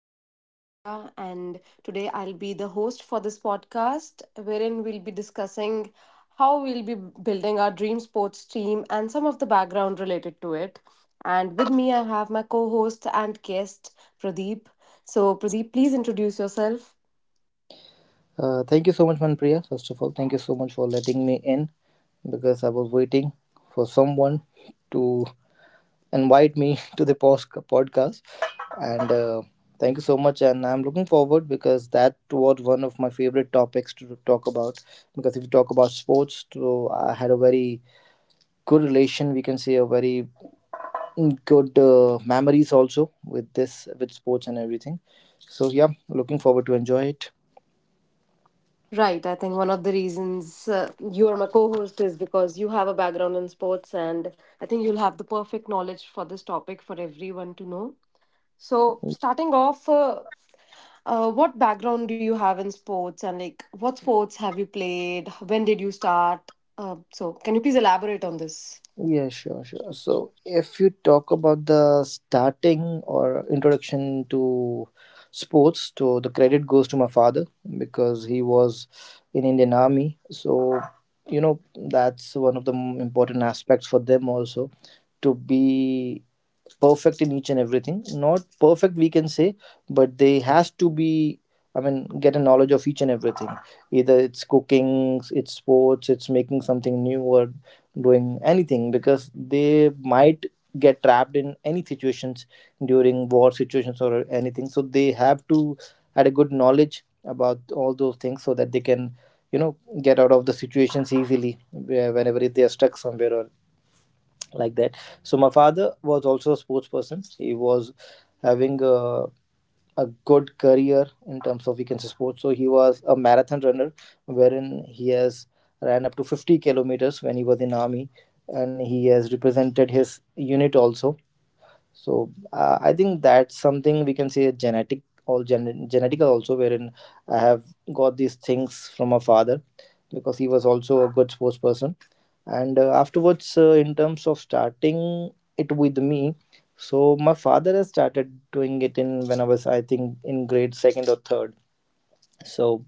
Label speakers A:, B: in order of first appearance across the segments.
A: This is Manpriya, and today I'll be the host for this podcast, wherein we'll be discussing how we'll be building our dream sports team and some of the background related to it. And with me, I have my co host and guest, Pradeep. So, Pradeep, please introduce yourself.
B: Thank you so much, Manpriya. First of all, thank you so much for letting me in because I was waiting for someone to invite me to the podcast. And thank you so much. And I'm looking forward because that was one of my favorite topics to talk about. Because if you talk about sports, so I had a very good relation. We can say a very good memories also with sports and everything. So yeah, looking forward to enjoy it.
A: Right. I think one of the reasons you are my co host is because you have a background in sports, and I think you'll have the perfect knowledge for this topic for everyone to know. So, starting off, what background do you have in sports and like what sports have you played? When did you start? Can you please elaborate on this?
B: Yeah, sure, sure. So, if you talk about the starting or introduction to sports, so the credit goes to my father because he was in Indian Army. So, that's one of the important aspects for them also to be perfect in each and everything, not perfect we can say, but they has to be, I mean, get a knowledge of each and everything, either it's cooking, it's sports, it's making something new, or doing anything, because they might get trapped in any situations during war situations or anything, so they have to had a good knowledge about all those things so that they can you know get out of the situations easily, whenever if they are stuck somewhere or like that. So my father was also a sports person. He was having a good career in terms of, we can say, sports. So he was a marathon runner wherein he has ran up to 50 kilometers when he was in army, and he has represented his unit also. So I think that's something we can say genetic, or genetical also, wherein I have got these things from my father because he was also a good sports person. And afterwards, in terms of starting it with me, so my father has started doing it in when I was, I think, in grade second or third. So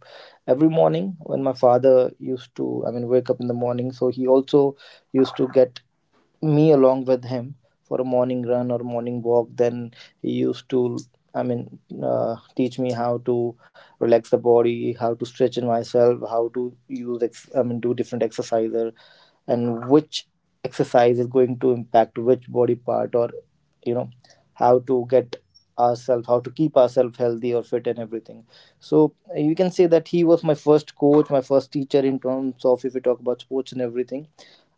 B: every morning when my father used to, I mean, wake up in the morning, so he also used to get me along with him for a morning run or morning walk. Then he used to, I mean, teach me how to relax the body, how to stretch in myself, how to use I mean do different exercises, and which exercise is going to impact which body part, or you know how to get ourselves, how to keep ourselves healthy or fit and everything. So you can say that he was my first coach, my first teacher, in terms of if we talk about sports and everything.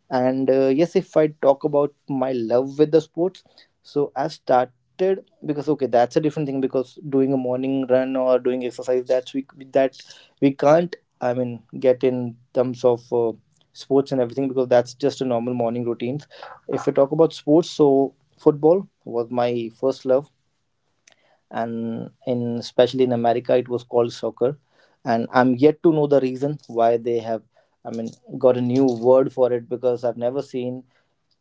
B: And yes, if I talk about my love with the sports, so I started because, okay, that's a different thing, because doing a morning run or doing exercise, that we can't, I mean, get in terms of sports and everything, because that's just a normal morning routine. If I talk about sports, so football was my first love, and in especially in America it was called soccer. And I'm yet to know the reason why they have, I mean, got a new word for it, because I've never seen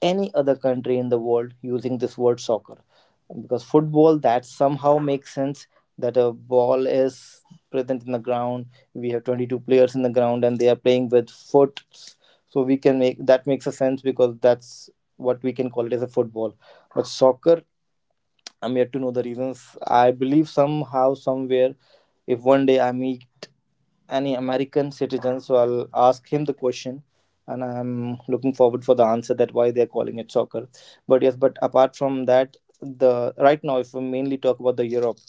B: any other country in the world using this word soccer. Because football, that somehow makes sense, that a ball is present in the ground, we have 22 players in the ground and they are playing with foot, so we can make that makes a sense, because that's what we can call it as a football. But soccer, I'm yet to know the reasons. I believe somehow, somewhere, if one day I meet any American citizen, so I'll ask him the question, and I'm looking forward for the answer that why they're calling it soccer. But yes, but apart from that, the right now, if we mainly talk about the Europe,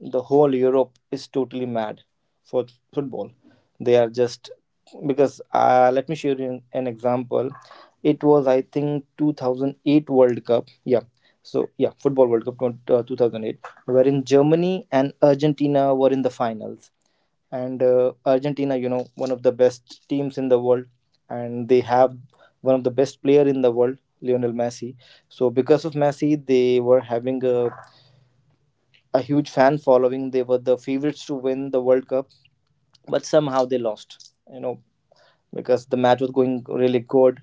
B: the whole Europe is totally mad for football. They are just, because let me share you an example. It was, I think, 2008 World Cup. Yeah. So yeah, football World Cup 2008, wherein Germany and Argentina were in the finals, and Argentina, one of the best teams in the world, and they have one of the best player in the world, Lionel Messi. So because of Messi, they were having a huge fan following. They were the favorites to win the World Cup, but somehow they lost. Because the match was going really good.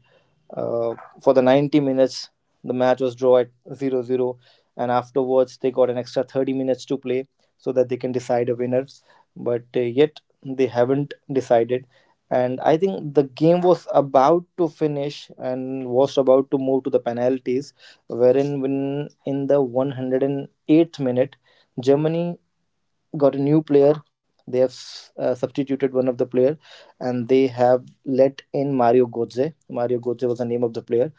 B: Uh, for the 90 minutes, the match was draw at 0-0, and afterwards they got an extra 30 minutes to play so that they can decide a winner. But yet they haven't decided, and I think the game was about to finish and was about to move to the penalties, wherein when in the 108th minute, Germany got a new player. They have, substituted one of the player, and they have let in Mario Götze. Mario Götze was the name of the player.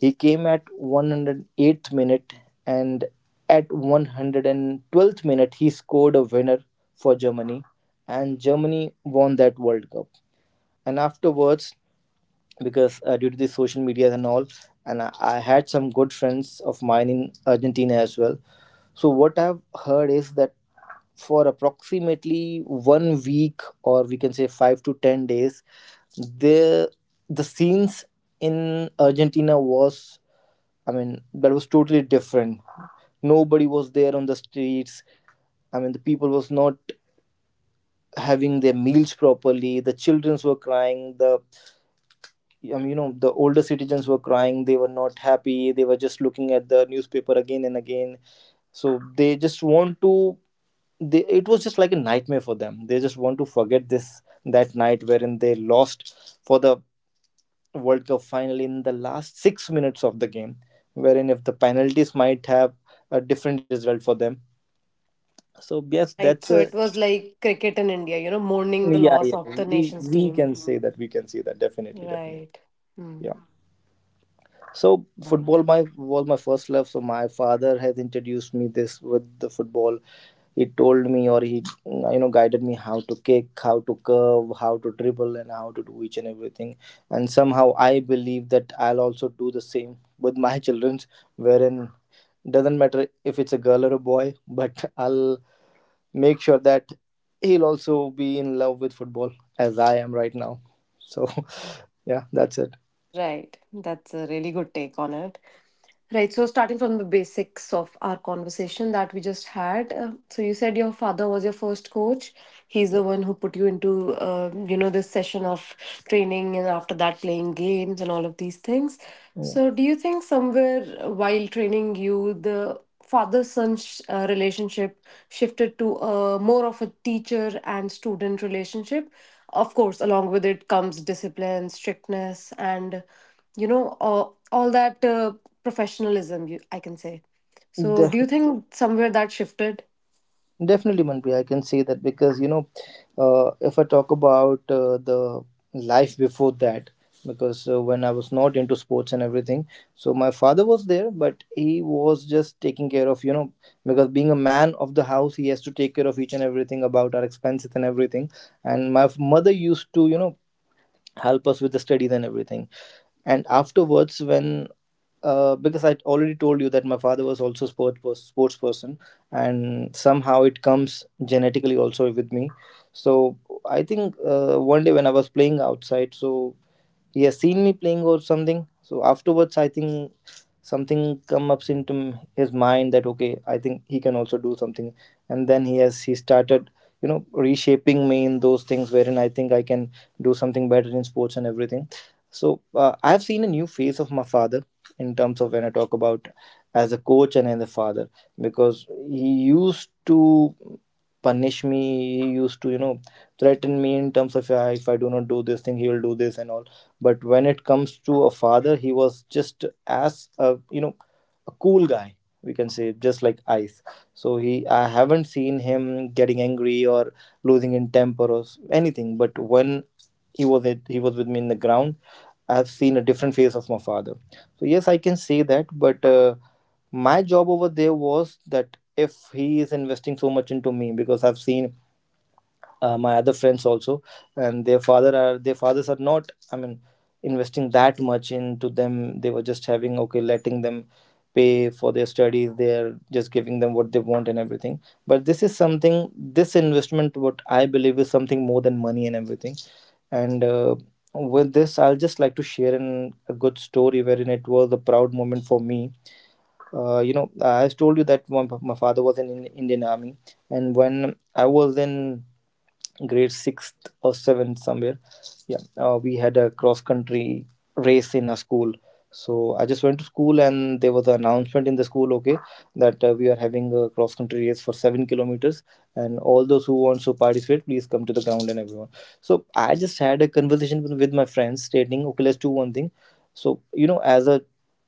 B: He came at 108th minute, and at 112th minute he scored a winner for Germany, and Germany won that World Cup. And afterwards, because due to the social media and all, and I had some good friends of mine in Argentina as well. So what I've heard is that for approximately one week, or we can say 5 to 10 days, the the scenes in Argentina was, I mean, that was totally different. Nobody was there on the streets. I mean, the people was not having their meals properly, the childrens were crying, the you know the older citizens were crying, they were not happy, they were just looking at the newspaper again and again, so they just want to, they it was just like a nightmare for them, they just want to forget this, that night wherein they lost for the world cup final in the last 6 minutes of the game, wherein if the penalties might have a different result for them. So yes,
A: Right.
B: that's
A: So,
B: a.
A: it was like cricket in India, you know, mourning the
B: Yeah,
A: loss
B: yeah,
A: of the
B: we
A: nation's
B: we
A: team.
B: can say that, we can see that. Definitely, definitely.
A: Right.
B: Yeah.
A: Hmm.
B: So
A: Right.
B: football my was my first love. So my father has introduced me this with the football. He told me, or he, guided me how to kick, how to curve, how to dribble, and how to do each and everything. And somehow I believe that I'll also do the same with my childrens. Wherein doesn't matter if it's a girl or a boy, but I'll make sure that he'll also be in love with football as I am right now. So yeah, that's it.
A: Right. That's a really good take on it. Right. So, starting from the basics of our conversation that we just had, so you said your father was your first coach. He's the one who put you into, you know, this session of training and after that playing games and all of these things.
B: Yeah.
A: So, do you think somewhere while training you, the father son relationship shifted to a more of a teacher and student relationship? Of course, along with it comes discipline, strictness, and you know all that professionalism you, I can say, so
B: Yeah.
A: do you think somewhere that shifted
B: Definitely, Manpreet, I can say that, because if I talk about the life before that, because when I was not into sports and everything, so my father was there, but he was just taking care of, because being a man of the house, he has to take care of each and everything about our expenses and everything. And my mother used to, help us with the studies and everything. And afterwards, when because I already told you that my father was also sports person, and somehow it comes genetically also with me. So I think one day when I was playing outside, so he has seen me playing or something. So afterwards, I think something come ups into his mind that, okay, I think he can also do something, and then he started, reshaping me in those things wherein I think I can do something better in sports and everything. So I have seen a new face of my father, in terms of when I talk about as a coach and as a father. Because he used to punish me, he used to, threaten me in terms of, "Yeah, if I do not do this thing he will do this and all. But when it comes to a father, he was just as, a a cool guy, we can say, just like ice. So he I haven't seen him getting angry or losing in temper or anything, but when he was with me in the ground, I have seen a different face of my father. So yes, I can say that. But my job over there was that, if he is investing so much into me, because I've seen my other friends also, and their fathers are not, I mean, investing that much into them, they were just having, okay, letting them pay for their studies, they're just giving them what they want and everything, but this is something this investment what I believe is something more than money and everything. And with this, I'll just like to share a good story wherein it was a proud moment for me. I told you that my father was in Indian Army, and when I Was in grade sixth or seventh somewhere. Yeah, we had a cross country race in our school. So I just went to school and there was an announcement in the school, okay, that we are having a cross country race for 7 kilometers, and all those who want to participate, please come to the ground and everyone. So I just had a conversation with my friends, stating, okay, let's do one thing. So as a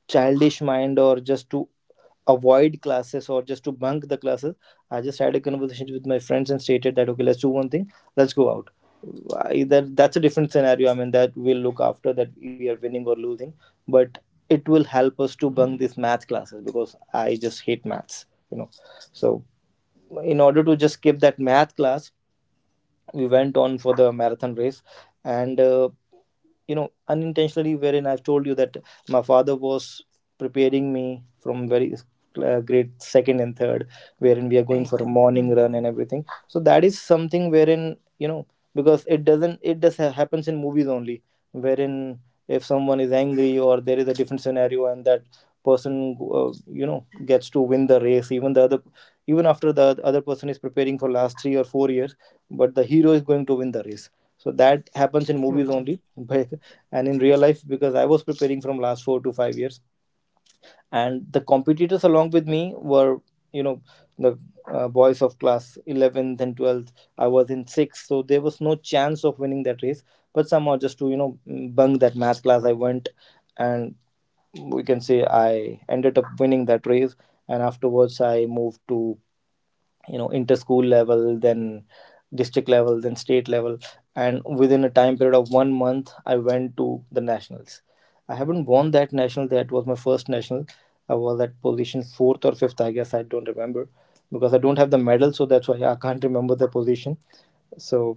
B: childish mind, or just to avoid classes or just to bunk the classes, I just had a conversation with my friends and stated that okay, let's do one thing, let's go out. Either that's a different scenario, I mean, that we'll look after that if we are winning or losing, but it will help us to bunk these math classes because I just hate maths you know so in order to just skip that math class, we went on for the marathon race. And unintentionally, wherein I've told you that my father was preparing me from very grade second and third, wherein we are going for
A: right.
B: a morning
A: Hmm.
B: run and everything, so that is something wherein. Because it doesn't, it happens in movies only, wherein if someone is angry or there is a different scenario and that person gets to win the race, even the other, even after the other person is preparing for last 3 or 4 years, but the hero is going to win the race. So that happens
A: Right.
B: in movies only. And in real life, because I was preparing from last 4 to 5 years, and the competitors along with me were, you know the boys of class 11th and 12th, I was in 6th, so there was no chance of winning that race. But somehow, just to bunk that math class, I went, and we can say I ended up winning that race. And afterwards I moved to, inter school level, then district level, then state level, and within a time period of 1 month I went to the nationals. I haven't won that national, that was my first national. I was at position fourth or fifth, I guess, I don't remember, because I don't have the medal, so that's why I can't remember the position. So,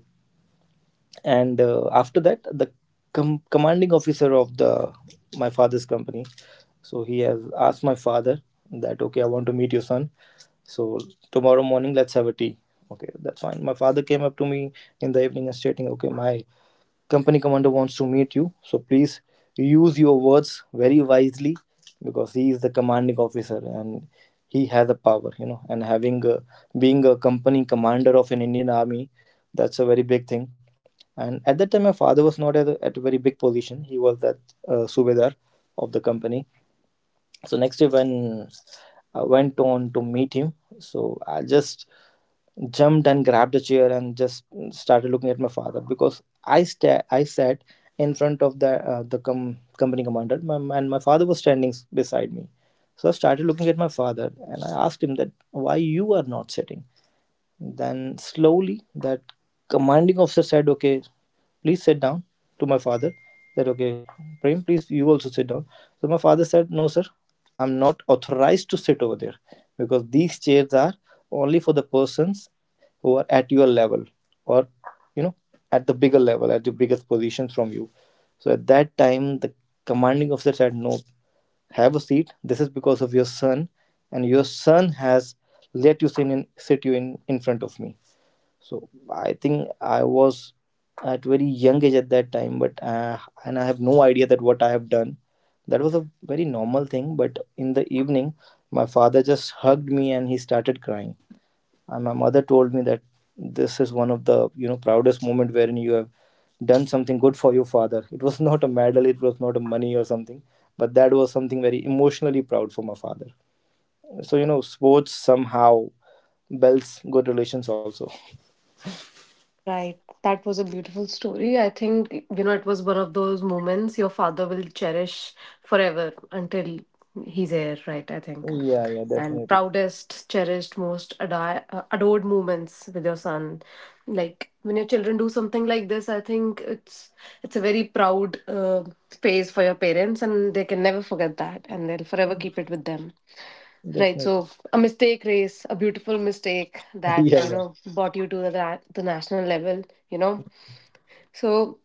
B: and after that, the commanding officer of the, my father's company, so he has asked my father that okay, I want to meet your son. So tomorrow morning, let's have a tea. Okay, that's fine. My father came up to me in the evening and stating okay, my company commander wants to meet you, so please use your words very wisely, because he is the commanding officer and he has the power, and being a company commander of an Indian Army, that's a very big thing. And at that time, my father was not at at a very big position. He was that subedar of the company. So next day, when I went on to meet him, so I just jumped and grabbed a chair and just started looking at my father, because I sat in front of the company commander, and my father was standing beside me. So I started looking at my father and I asked him that why you are not sitting. Then slowly that commanding officer said, okay, please sit down, to my father. That okay, Prem, please you also sit down. So my father said, no sir, I'm not authorized to sit over there, because these chairs are only for the persons who are at your level, or you know at the bigger level, at the biggest positions from you. So at that time, the commanding officer said, no, have a seat. This is because of your son, and your son has let you sit you in front of me. So I think I was at very young age at that time, but and I have no idea that what I have done. That was a very normal thing. But in the evening, my father just hugged me and he started crying, and my mother told me that this is one of the proudest moment wherein you have done something good for your father. It was not a medal, it was not a money or something, but that was something very emotionally proud for my father. So sports somehow builds good relations also.
A: Right. That was a beautiful story. I think, you know, it was one of those moments your father will cherish forever until he's here, right? I think.
B: Yeah, yeah,
A: And
B: definitely,
A: proudest, cherished, most adored moments with your son. Like when your children do something like this, I think it's a very proud phase for your parents, and they can never forget that, and they'll forever keep it with them. Right.
B: definitely.
A: So a mistake race, a beautiful mistake that, you
B: Yeah, yeah.
A: know, brought you to the, the national level, you know. So,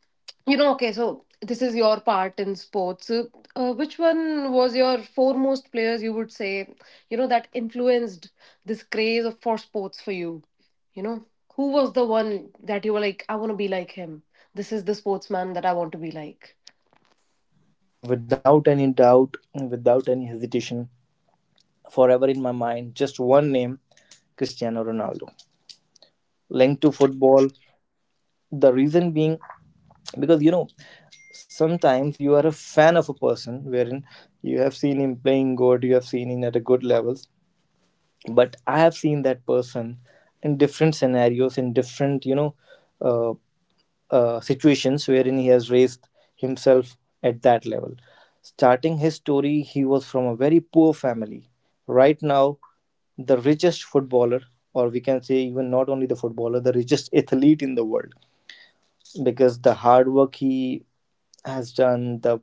A: you know, okay, so this is your part in sports. So, which one was your foremost players, you would say, you know, that influenced this craze for sports for you? You know, who was the one that you were like, I want to be like him? This is the sportsman that I want to be like?
B: Without any doubt, without any hesitation, forever in my mind, just one name, Cristiano Ronaldo. Linked to
A: Right.
B: football, the reason being, because sometimes you are a fan of a person wherein you have seen him playing good, you have seen him at a good levels, but I have seen that person in different scenarios, in different, uh, situations wherein he has raised himself at that level. Starting his story, he was from a very poor family. Right now, the richest footballer, or we can say, even not only the footballer, the richest athlete in the world, because the hard work he has done, the,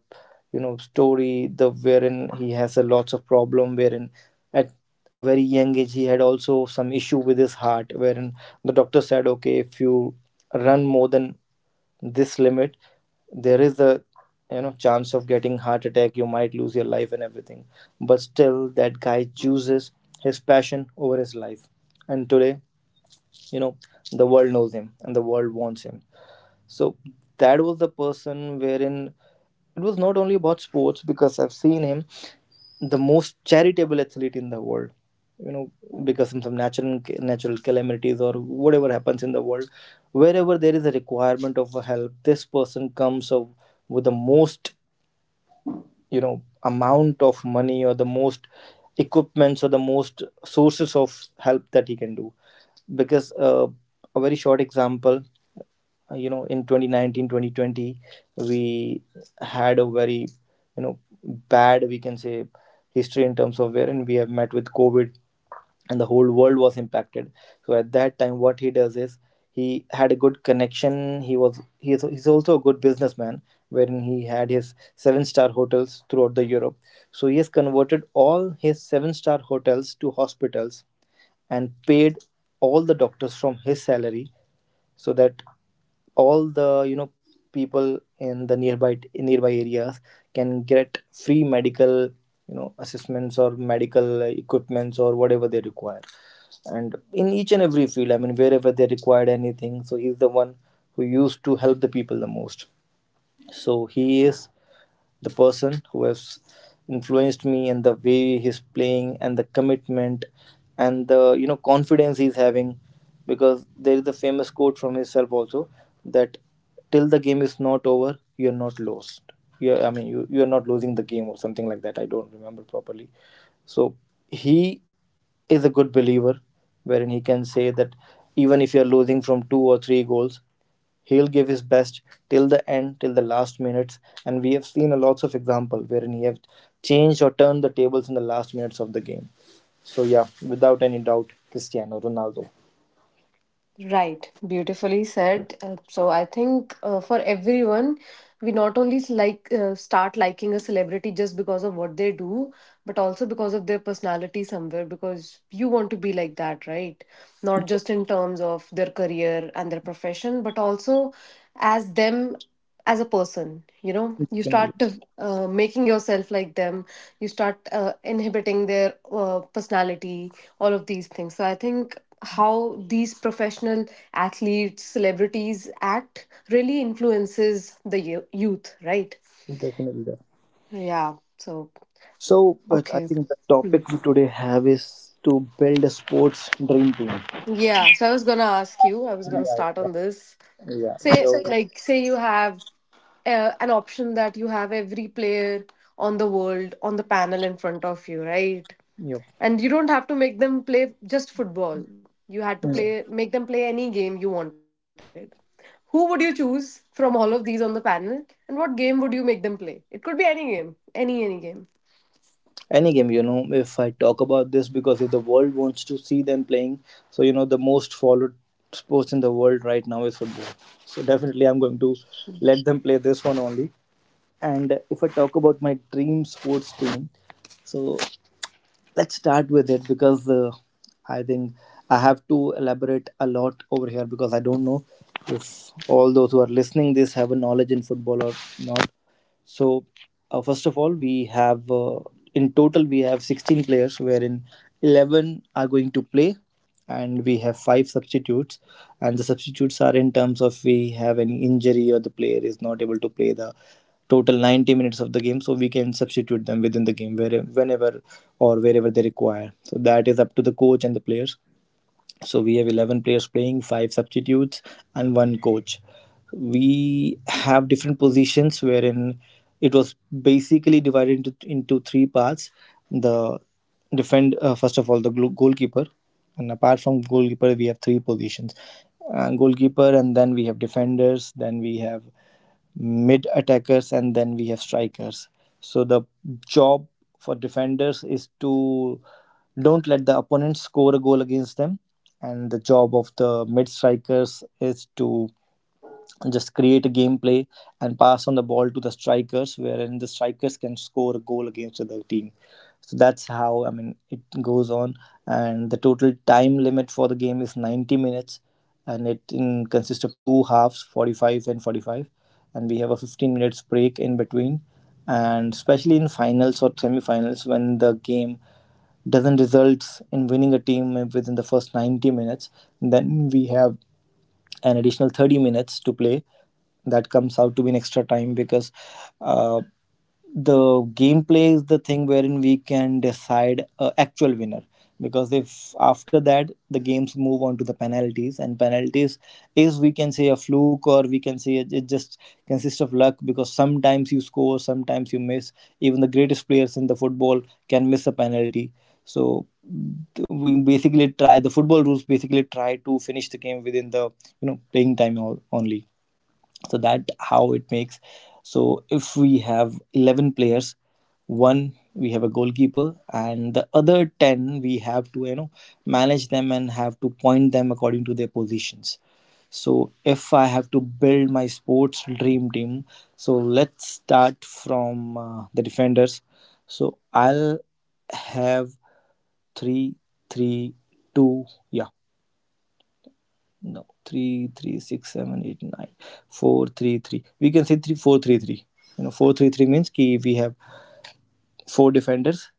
B: story, the wherein he has a lots of problem, wherein at a very young age he had also some issue with his heart, wherein the doctor said okay, if you run more than this limit, there is a chance of getting heart attack, you might lose your life and everything. But still that guy chooses his passion over his life. And today, you know the world knows him and the world wants him. So that was the person wherein it was not only about sports, because I've seen him the most charitable athlete in the world. You know, because of some natural calamities or whatever happens in the world, wherever there is a requirement of a help, this person comes up with the most, amount of money or the most equipments or the most sources of help that he can do. Because a very short example, in 2019, 2020, we had a very, you know bad, we can say, history, in terms of wherein we have met with COVID, and the whole world was impacted. So at that time, what he does is, he had a good connection, he was he is he's also a good businessman, wherein he had his seven-star hotels throughout the Europe. So he has converted all his seven-star hotels to hospitals and paid all the doctors from his salary, so that all the, people in the nearby areas can get free medical, assessments or medical equipments or whatever they require. And in each and every field, I mean, wherever they required anything, so he's the one who used to help the people the most. So he is the person who has influenced me, and the way he's playing, and the commitment, and the, confidence he's having. Because there is a famous quote from himself also, that till the game is not over, you're not lost. Yeah, I mean, you're not losing the game or something like that, I don't remember properly. So he is a good believer, wherein he can say that even if you're losing from 2 or 3 goals, he'll give his best till the end, till the last minutes, and we have seen a lots of example wherein he have changed or turned the tables in the last minutes of the game. So yeah, without any doubt, Cristiano Ronaldo.
A: Right, beautifully said. So I think for everyone, we not only start liking a celebrity just because of what they do, but also because of their personality somewhere. Because you want to be like that, right? Not just in terms of their career and their profession, but also as them as a person, you know, you
B: Definitely,
A: start making yourself like them, you start inhibiting their personality, all of these things. So I think how these professional athletes, celebrities act really influences the youth, right?
B: definitely. Definitely.
A: Yeah. So
B: So, but I
A: okay.
B: think the
A: Hmm.
B: topic we today have is to build a sports dream team.
A: Yeah, so I was gonna start
B: Yeah,
A: on this.
B: yeah, yeah.
A: Say,
B: So,
A: like, say you have an option that you have every player on the world on the panel in front of you, right?
B: yep.
A: And you don't have to make them play just football, you had to play make them play any game you wanted. Who would you choose from all of these on the panel, and what game would you make them play? It could be any game, any game.
B: Any game, if I talk about this, because if the world wants to see them playing, so the most followed sports in the world right now is football. So definitely I'm going to let them play this one only. And if I talk about my dream sports team, so let's start with it. Because I think I have to elaborate a lot over here, because I don't know if all those who are listening this have a knowledge in football or not. So, first of all, we have in total we have 16 players, wherein 11 are going to play, and we have five substitutes. And the substitutes are in terms of we have any injury or the player is not able to play the total 90 minutes of the game, so we can substitute them within the game, where, whenever or wherever they require. So that is up to the coach and the players. So we have 11 players playing, five substitutes, and one coach. We have different positions wherein it was basically divided into three parts. The First of all, the goalkeeper, and apart from goalkeeper, we have three positions. Goalkeeper, and then we have defenders, then we have mid attackers, and then we have strikers. So the job for defenders is to don't let the opponent score a goal against them, and the job of the mid strikers is to just create a gameplay and pass on the ball to the strikers, wherein the strikers can score a goal against the other team. So that's how I mean it goes on. And the total time limit for the game is 90 minutes, and it consists of two halves, 45 and 45, and we have a 15 minutes break in between. And especially in finals or semifinals, when the game doesn't result in winning a team within the first 90 minutes, then we have an additional 30 minutes to play. That comes out to be an extra time because uh, the gameplay is the thing wherein we can decide a actual winner. Because if after that the games move on to the penalties, and penalties is, we can say, a fluke, or we can say it just consists of luck, because sometimes you score, sometimes you miss. Even the greatest players in the football can miss a penalty. So th- we basically try the football rules basically try to finish the game within the playing time only. So that how it makes. So if we have 11 players, one, we have a goalkeeper, and the other 10 we have to manage them and have to point them according to their positions. So if I have to build my sports dream team, so let's start from the defenders. So I'll have three, three, two. Yeah, no, three, three, six, seven, eight, nine, four, three, three. We can say three, four, three, three. Four, three, three means ki we have four defenders,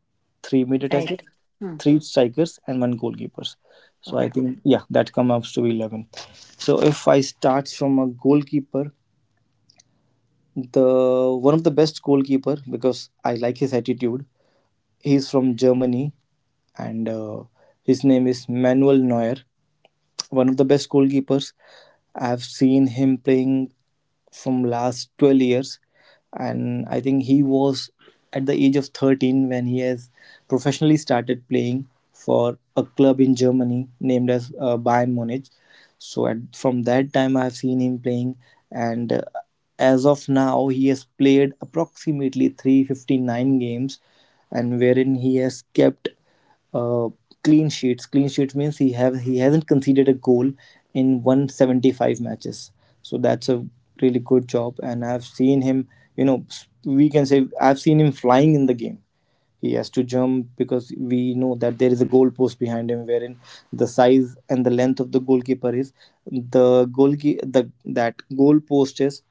B: three mid
A: Right.
B: attackers,
A: Hmm.
B: three strikers, and one goalkeepers. So
A: Okay.
B: I think, yeah, that comes to 11. So if I start from a goalkeeper, the one of the best goalkeeper, because I like his attitude. He's from Germany, and his name is Manuel Neuer. One of the best goalkeepers. I've seen him playing from last 12 years, and I think he was at the age of 13 when he has professionally started playing for a club in Germany named as Bayern Munich. So from that time I've seen him playing, and as of now he has played approximately 359 games, and wherein he has kept uh, clean sheets. Clean sheets means he hasn't conceded a goal in 175 matches. So that's a really good job. And I've seen him. We can say I've seen him flying in the game. He has to jump because we know that there is a goal post behind him, wherein the size and the length of the goalkeeper is the goalkeeper the that goal post is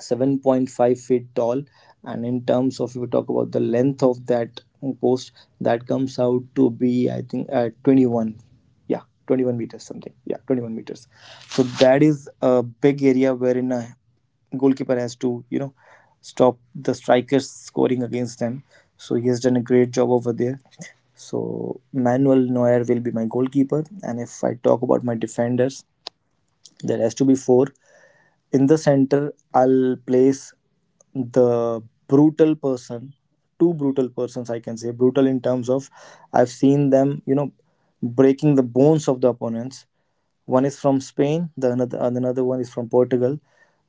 B: 7.5 feet tall. And in terms of, if we talk about the length of that post, that comes out to be, I think, 21, yeah, 21 meters, something. Yeah, 21 meters. So that is a big area wherein a goalkeeper has to stop the strikers scoring against them. So he has done a great job over there. So Manuel Neuer will be my goalkeeper. And if I talk about my defenders, there has to be four. In the center, I'll place the brutal person, two brutal persons. I can say brutal in terms of I've seen them breaking the bones of the opponents. One is from Spain, another one is from Portugal.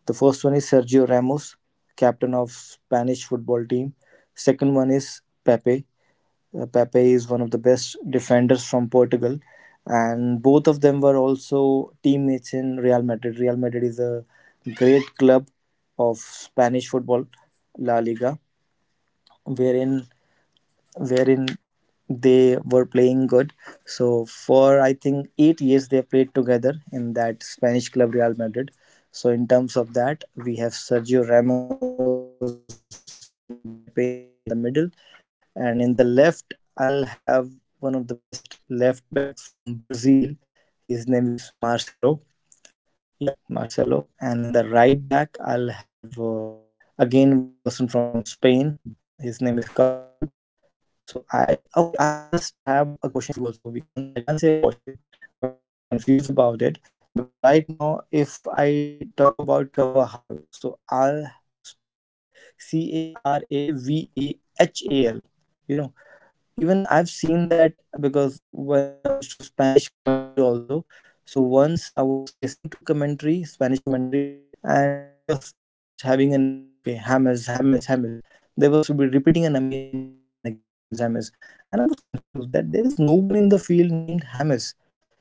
B: The first one is Sergio Ramos, captain of Spanish football team. Second one is Pepe. Pepe is one of the best defenders from Portugal, and both of them were also teammates in Real Madrid. Real Madrid is a great club of Spanish football, La Liga, wherein wherein they were playing good. So for I think 8 years they played together in that Spanish club Real Madrid. So in terms of that, we have Sergio Ramos and Pepe in the middle, and in the left, I'll have one of the best left backs from Brazil. His name is Marcelo. Yep, Marcelo. And in the right back, I'll have again one person from Spain. His name is Cavajal. So I just have a question for you also. We can't I can't say a question, but I'm just confused about it, because right now if I talk about Kavahal, so I'll spell it Caravahal. You know, Even I've seen that, because when it comes to Spanish commentary also, so once I was listening to commentary Spanish commentary, and they was just having a name, okay, Hamas, Hamas, Hamas. They was repeating a name again and again, Hamas, Hamas. And I was confused that there is no one in the field named Hamas. Then I came to know that